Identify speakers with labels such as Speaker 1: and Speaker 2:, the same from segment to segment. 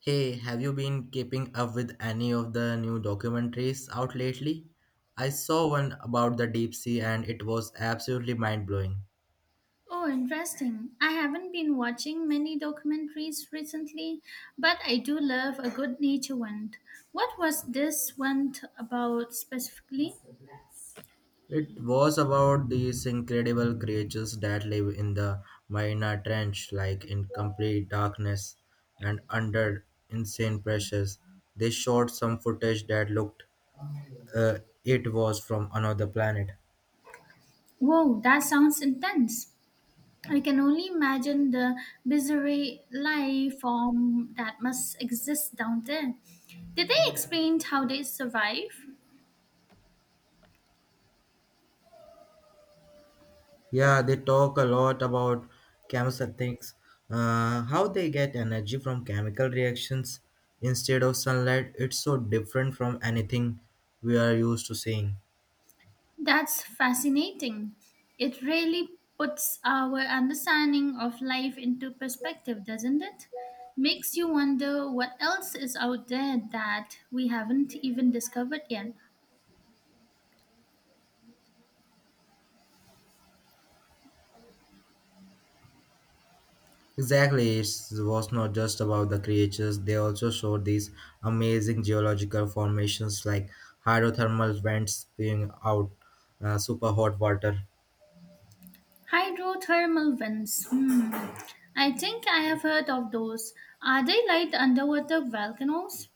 Speaker 1: Hey, have you been keeping up with any of the new documentaries out lately? I saw one about the deep sea and it was absolutely mind blowing.
Speaker 2: Oh, interesting. I haven't been watching many documentaries recently, but I do love a good nature one. What was this one about specifically?
Speaker 1: It was about these incredible creatures that live in the Mariana Trench, like in complete darkness and under insane pressures. They shot some footage that looked uh, it was from another planet.
Speaker 2: Whoa, that sounds intense. I can only imagine the bizarre life form that must exist down there. Did they explain how they survive?
Speaker 1: Yeah, they talk a lot about chemosynthetics, how they get energy from chemical reactions instead of sunlight. It's so different from anything we are used to seeing.
Speaker 2: That's fascinating. It really puts our understanding of life into perspective, doesn't it? Makes you wonder what else is out there that we haven't even discovered yet.
Speaker 1: Exactly, it was not just about the creatures, they also showed these amazing geological formations like hydrothermal vents spewing out super hot water.
Speaker 2: Hydrothermal vents. Hmm. I think I have heard of those. Are they like underwater volcanoes?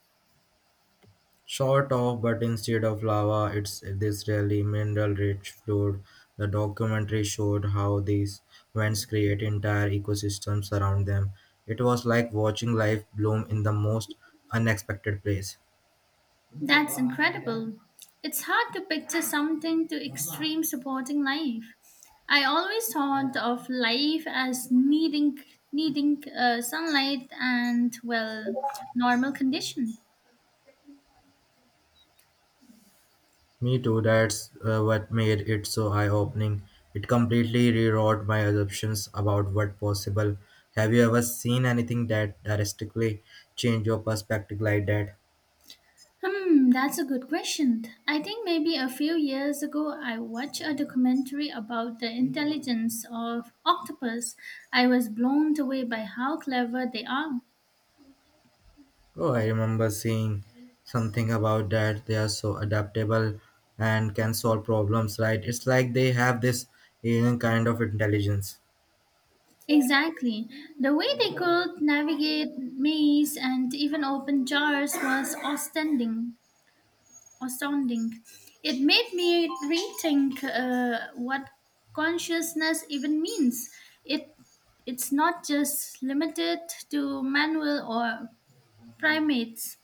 Speaker 1: Sort of, but instead of lava, it's this really mineral-rich fluid. The documentary showed how these vents create entire ecosystems around them. It was like watching life bloom in the most unexpected place.
Speaker 2: That's incredible. It's hard to picture something to extreme supporting life. I always thought of life as needing sunlight and well normal conditions.
Speaker 1: Me too, that's what made it so eye-opening. It completely rewrote my assumptions about what possible. Have you ever seen anything that drastically changed your perspective like that?
Speaker 2: Hmm, that's a good question. I think maybe a few years ago I watched a documentary about the intelligence of octopus. I was blown away by how clever they are.
Speaker 1: Oh, I remember seeing something about that. They are so adaptable and can solve problems, right? It's like they have this alien kind of intelligence.
Speaker 2: Exactly. The way they could navigate maze and even open jars was astounding. It made me rethink what consciousness even means. It it's not just limited to manual or primates.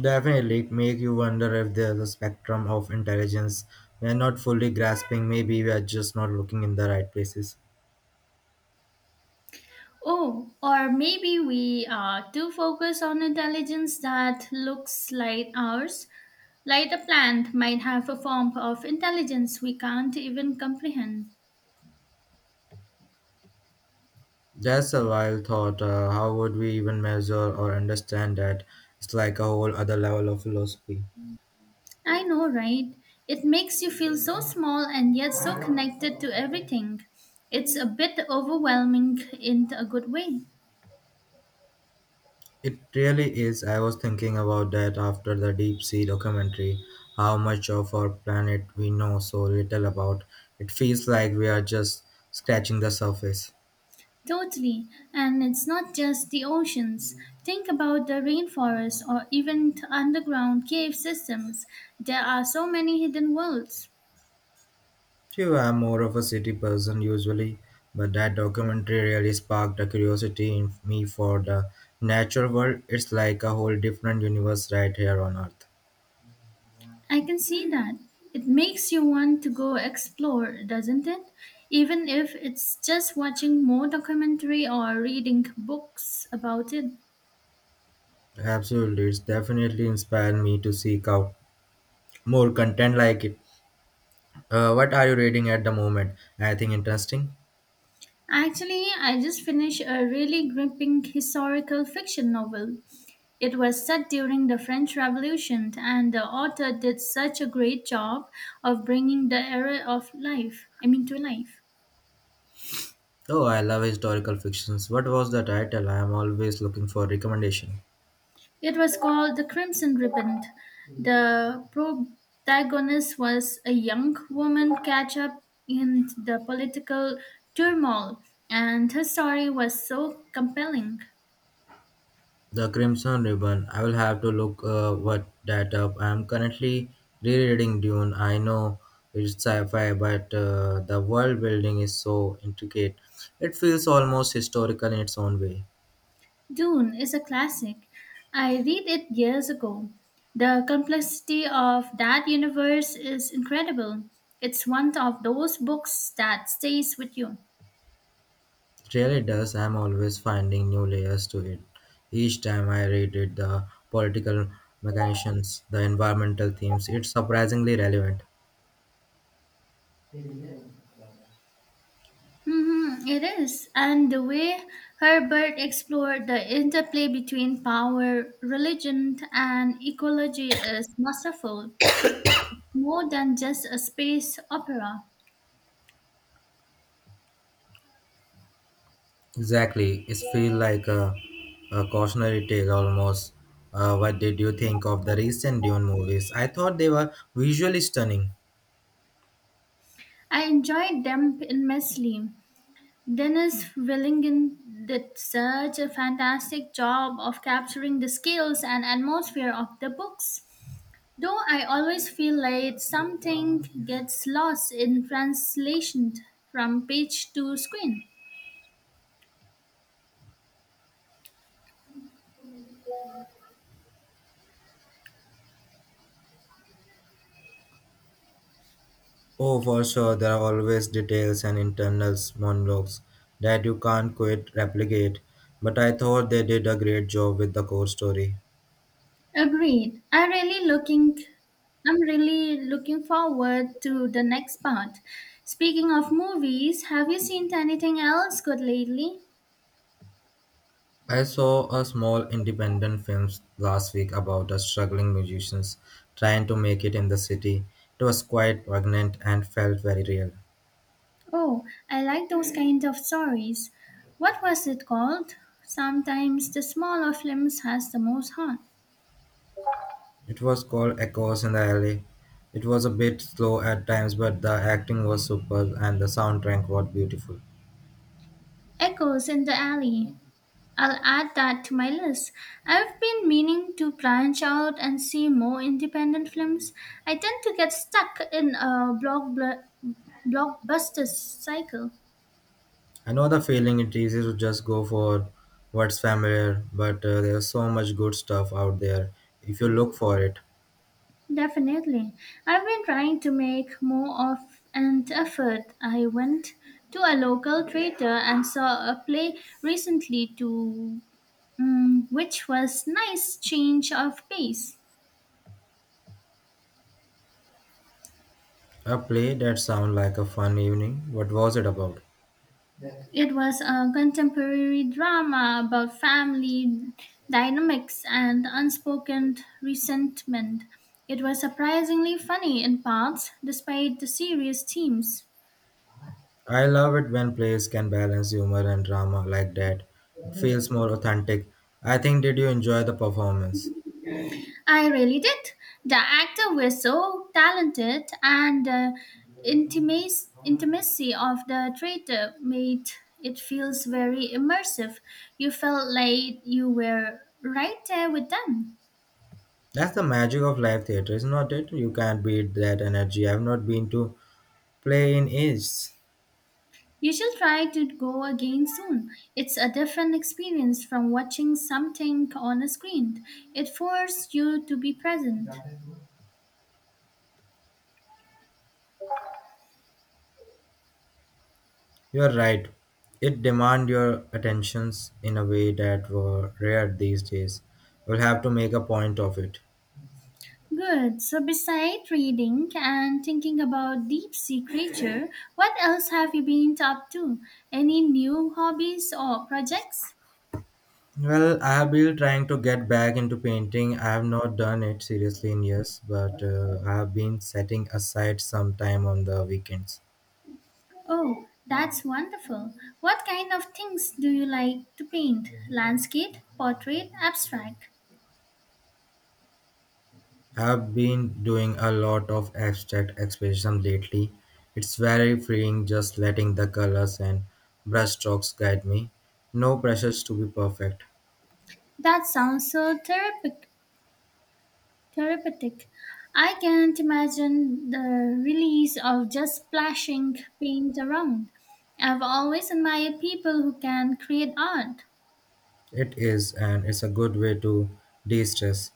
Speaker 1: Definitely it make you wonder if there's a spectrum of intelligence we are not fully grasping. Maybe we are just not looking in the right places.
Speaker 2: Oh, or maybe we are too focused on intelligence that looks like ours. Like the plant might have a form of intelligence we can't even comprehend.
Speaker 1: That's a wild thought. How would we even measure or understand that? It's like a whole other level of philosophy.
Speaker 2: I know, right? It makes you feel so small and yet so connected to everything. It's a bit overwhelming in a good way.
Speaker 1: It really is. I was thinking about that after the deep sea documentary, how much of our planet we know so little about. It feels like we are just scratching the surface.
Speaker 2: Totally. And it's not just the oceans. Think about the rainforests or even underground cave systems. There are so many hidden worlds.
Speaker 1: True, I'm more of a city person usually, but that documentary really sparked a curiosity in me for the natural world. It's like a whole different universe right here on Earth.
Speaker 2: I can see that. It makes you want to go explore, doesn't it? Even if it's just watching more documentary or reading books about it.
Speaker 1: Absolutely, it's definitely inspired me to seek out more content like it. What are you reading at the moment? Anything interesting?
Speaker 2: Actually, I just finished a really gripping historical fiction novel. It was set during the French Revolution, and the author did such a great job of bringing the era of life, I mean, to life.
Speaker 1: Oh, I love historical fictions. What was the title? I am always looking for recommendation.
Speaker 2: It was called The Crimson Ribbon. The protagonist was a young woman catch up in the political turmoil, and her story was so compelling.
Speaker 1: The Crimson Ribbon. I will have to look what that up. I am currently rereading Dune. I know it's sci-fi, but the world building is so intricate. It feels almost historical in its own way.
Speaker 2: Dune is a classic. I read it years ago. The complexity of that universe is incredible. It's one of those books that stays with you.
Speaker 1: It really does. I am always finding new layers to it. Each time I read it, the political mechanisms, the environmental themes, it's surprisingly relevant.
Speaker 2: Mhm, it is. And the way Herbert explored the interplay between power, religion, and ecology is masterful, more than just a space opera.
Speaker 1: Exactly. It feels like a cautionary tale almost. What did you think of the recent Dune movies? I thought they were visually stunning.
Speaker 2: I enjoyed them immensely. Dennis Willingen did such a fantastic job of capturing the scales and atmosphere of the books. Though I always feel like something gets lost in translation from page to screen.
Speaker 1: Oh, for sure, there are always details and internal monologues that you can't quite replicate, but I thought they did a great job with the core story.
Speaker 2: Agreed. I'm really looking forward to the next part. Speaking of movies, have you seen anything else good lately?
Speaker 1: I saw a small independent film last week about a struggling musicians trying to make it in the city. It was quite poignant and felt very real.
Speaker 2: Oh, I like those kind of stories. What was it called? Sometimes the smaller films has the most heart.
Speaker 1: It was called Echoes in the Alley. It was a bit slow at times, but the acting was superb and the soundtrack was beautiful.
Speaker 2: Echoes in the Alley. I'll add that to my list. I've been meaning to branch out and see more independent films. I tend to get stuck in a blockbuster cycle.
Speaker 1: I know the feeling it's easy to just go for what's familiar, but there's so much good stuff out there if you look for it.
Speaker 2: Definitely. I've been trying to make more of an effort. I went to a local theater and saw a play recently to which was nice change of pace.
Speaker 1: A play that sounds like a fun evening. What was it about?
Speaker 2: It was a contemporary drama about family dynamics and unspoken resentment. It was surprisingly funny in parts, despite the serious themes.
Speaker 1: I love it when plays can balance humor and drama like that. It feels more authentic. I think did you enjoy the performance?
Speaker 2: I really did. The actors were so talented, and the intimacy of the traitor made it feels very immersive. You felt like you were right there with them.
Speaker 1: That's the magic of live theater, is not it? You can't beat that energy. I've not been to play in ages.
Speaker 2: You should try to go again soon. It's a different experience from watching something on a screen. It forces you to be present.
Speaker 1: You're right. It demand your attentions in a way that were rare these days. You'll have to make a point of it.
Speaker 2: Good. So besides reading and thinking about deep sea creature, what else have you been up to? Any new hobbies or projects?
Speaker 1: Well, I have been trying to get back into painting. I have not done it seriously in years, but I have been setting aside some time on the weekends.
Speaker 2: Oh, that's wonderful. What kind of things do you like to paint? Landscape, portrait, abstract?
Speaker 1: I've been doing a lot of abstract expression lately. It's very freeing just letting the colors and brushstrokes guide me. No pressures to be perfect.
Speaker 2: That sounds so therapeutic. Therapeutic. I can't imagine the release of just splashing paint around. I've always admired people who can create art.
Speaker 1: It is, and it's a good way to de stress.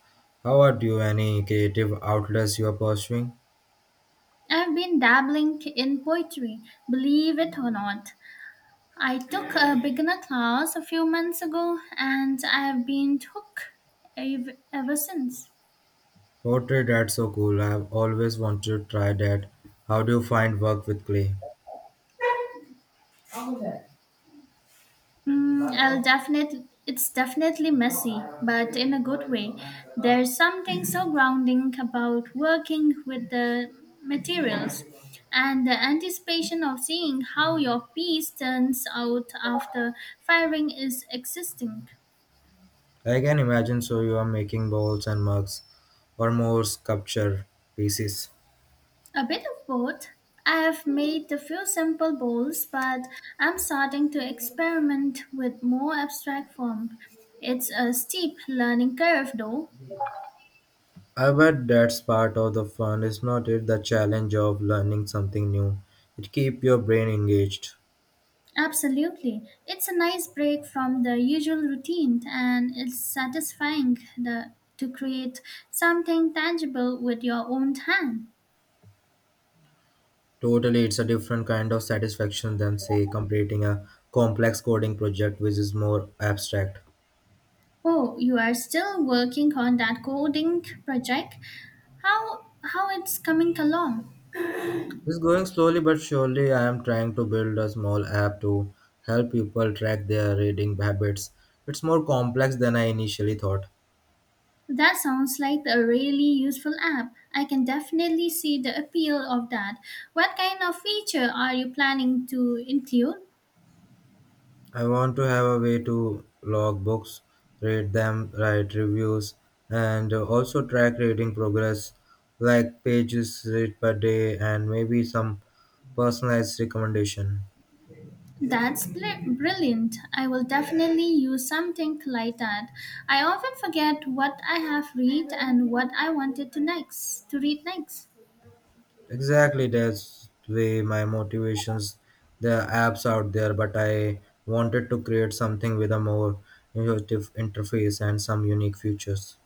Speaker 1: How are you? Any creative outlets you are pursuing?
Speaker 2: I've been dabbling in poetry, believe it or not. I took a beginner class a few months ago and I've been hooked ever since.
Speaker 1: Poetry, that's so cool. I've always wanted to try that. How do you find work with clay?
Speaker 2: Mm, I'll definitely. It's definitely messy, but in a good way. There's something so grounding about working with the materials and the anticipation of seeing how your piece turns out after firing is existing.
Speaker 1: I can imagine so you are making bowls and mugs or more sculpture pieces.
Speaker 2: A bit of both. I have made a few simple bowls, but I'm starting to experiment with more abstract form. It's a steep learning curve, though.
Speaker 1: I bet that's part of the fun, is not it? The challenge of learning something new. It keeps your brain engaged.
Speaker 2: Absolutely. It's a nice break from the usual routine and it's satisfying to create something tangible with your own hand.
Speaker 1: Totally, it's a different kind of satisfaction than, say, completing a complex coding project which is more abstract.
Speaker 2: Oh, you are still working on that coding project? How it's coming along?
Speaker 1: It's going slowly but surely. I am trying to build a small app to help people track their reading habits. It's more complex than I initially thought.
Speaker 2: That sounds like a really useful app. I can definitely see the appeal of that. What kind of feature are you planning to include?
Speaker 1: I want to have a way to log books, read them, write reviews, and also track reading progress, like pages read per day, and maybe some personalized recommendation.
Speaker 2: That's brilliant. I will definitely use something like that. I often forget what I have read and what I wanted to next to read next.
Speaker 1: Exactly, that's way my motivations. There are apps out there, but I wanted to create something with a more intuitive interface and some unique features.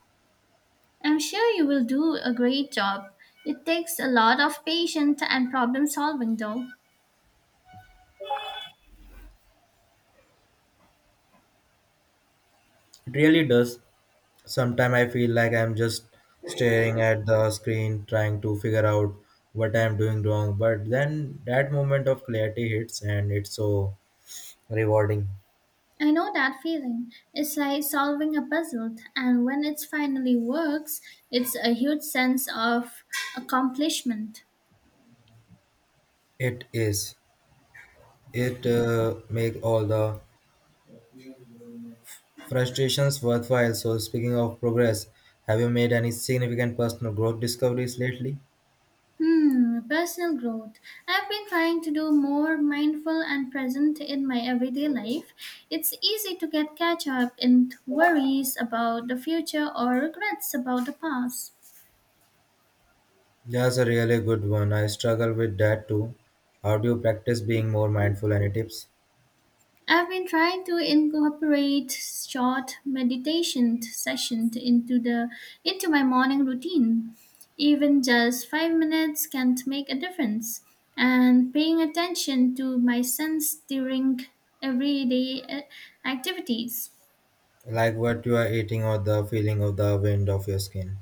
Speaker 2: I'm sure you will do a great job. It takes a lot of patience and problem solving though.
Speaker 1: It really does. Sometimes I feel like I'm just staring at the screen trying to figure out what I'm doing wrong, but then that moment of clarity hits and it's so rewarding.
Speaker 2: I know that feeling. It's like solving a puzzle and when it finally works, it's a huge sense of accomplishment.
Speaker 1: It is. It make all the frustrations worthwhile. So speaking of progress, have you made any significant personal growth discoveries lately?
Speaker 2: Hmm, personal growth. I've been trying to do more mindful and present in my everyday life. It's easy to get catch up in worries about the future or regrets about the past.
Speaker 1: That's a really good one. I struggle with that too. How do you practice being more mindful? Any tips?
Speaker 2: I've been trying to incorporate short meditation sessions into my morning routine. Even just 5 minutes can make a difference. And paying attention to my sense during everyday activities.
Speaker 1: Like what you are eating or the feeling of the wind of your skin.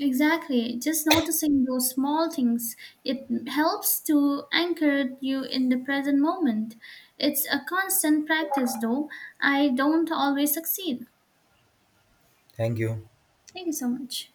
Speaker 2: Exactly. Just noticing those small things, it helps to anchor you in the present moment. It's a constant practice, though. I don't always succeed.
Speaker 1: Thank you.
Speaker 2: Thank you so much.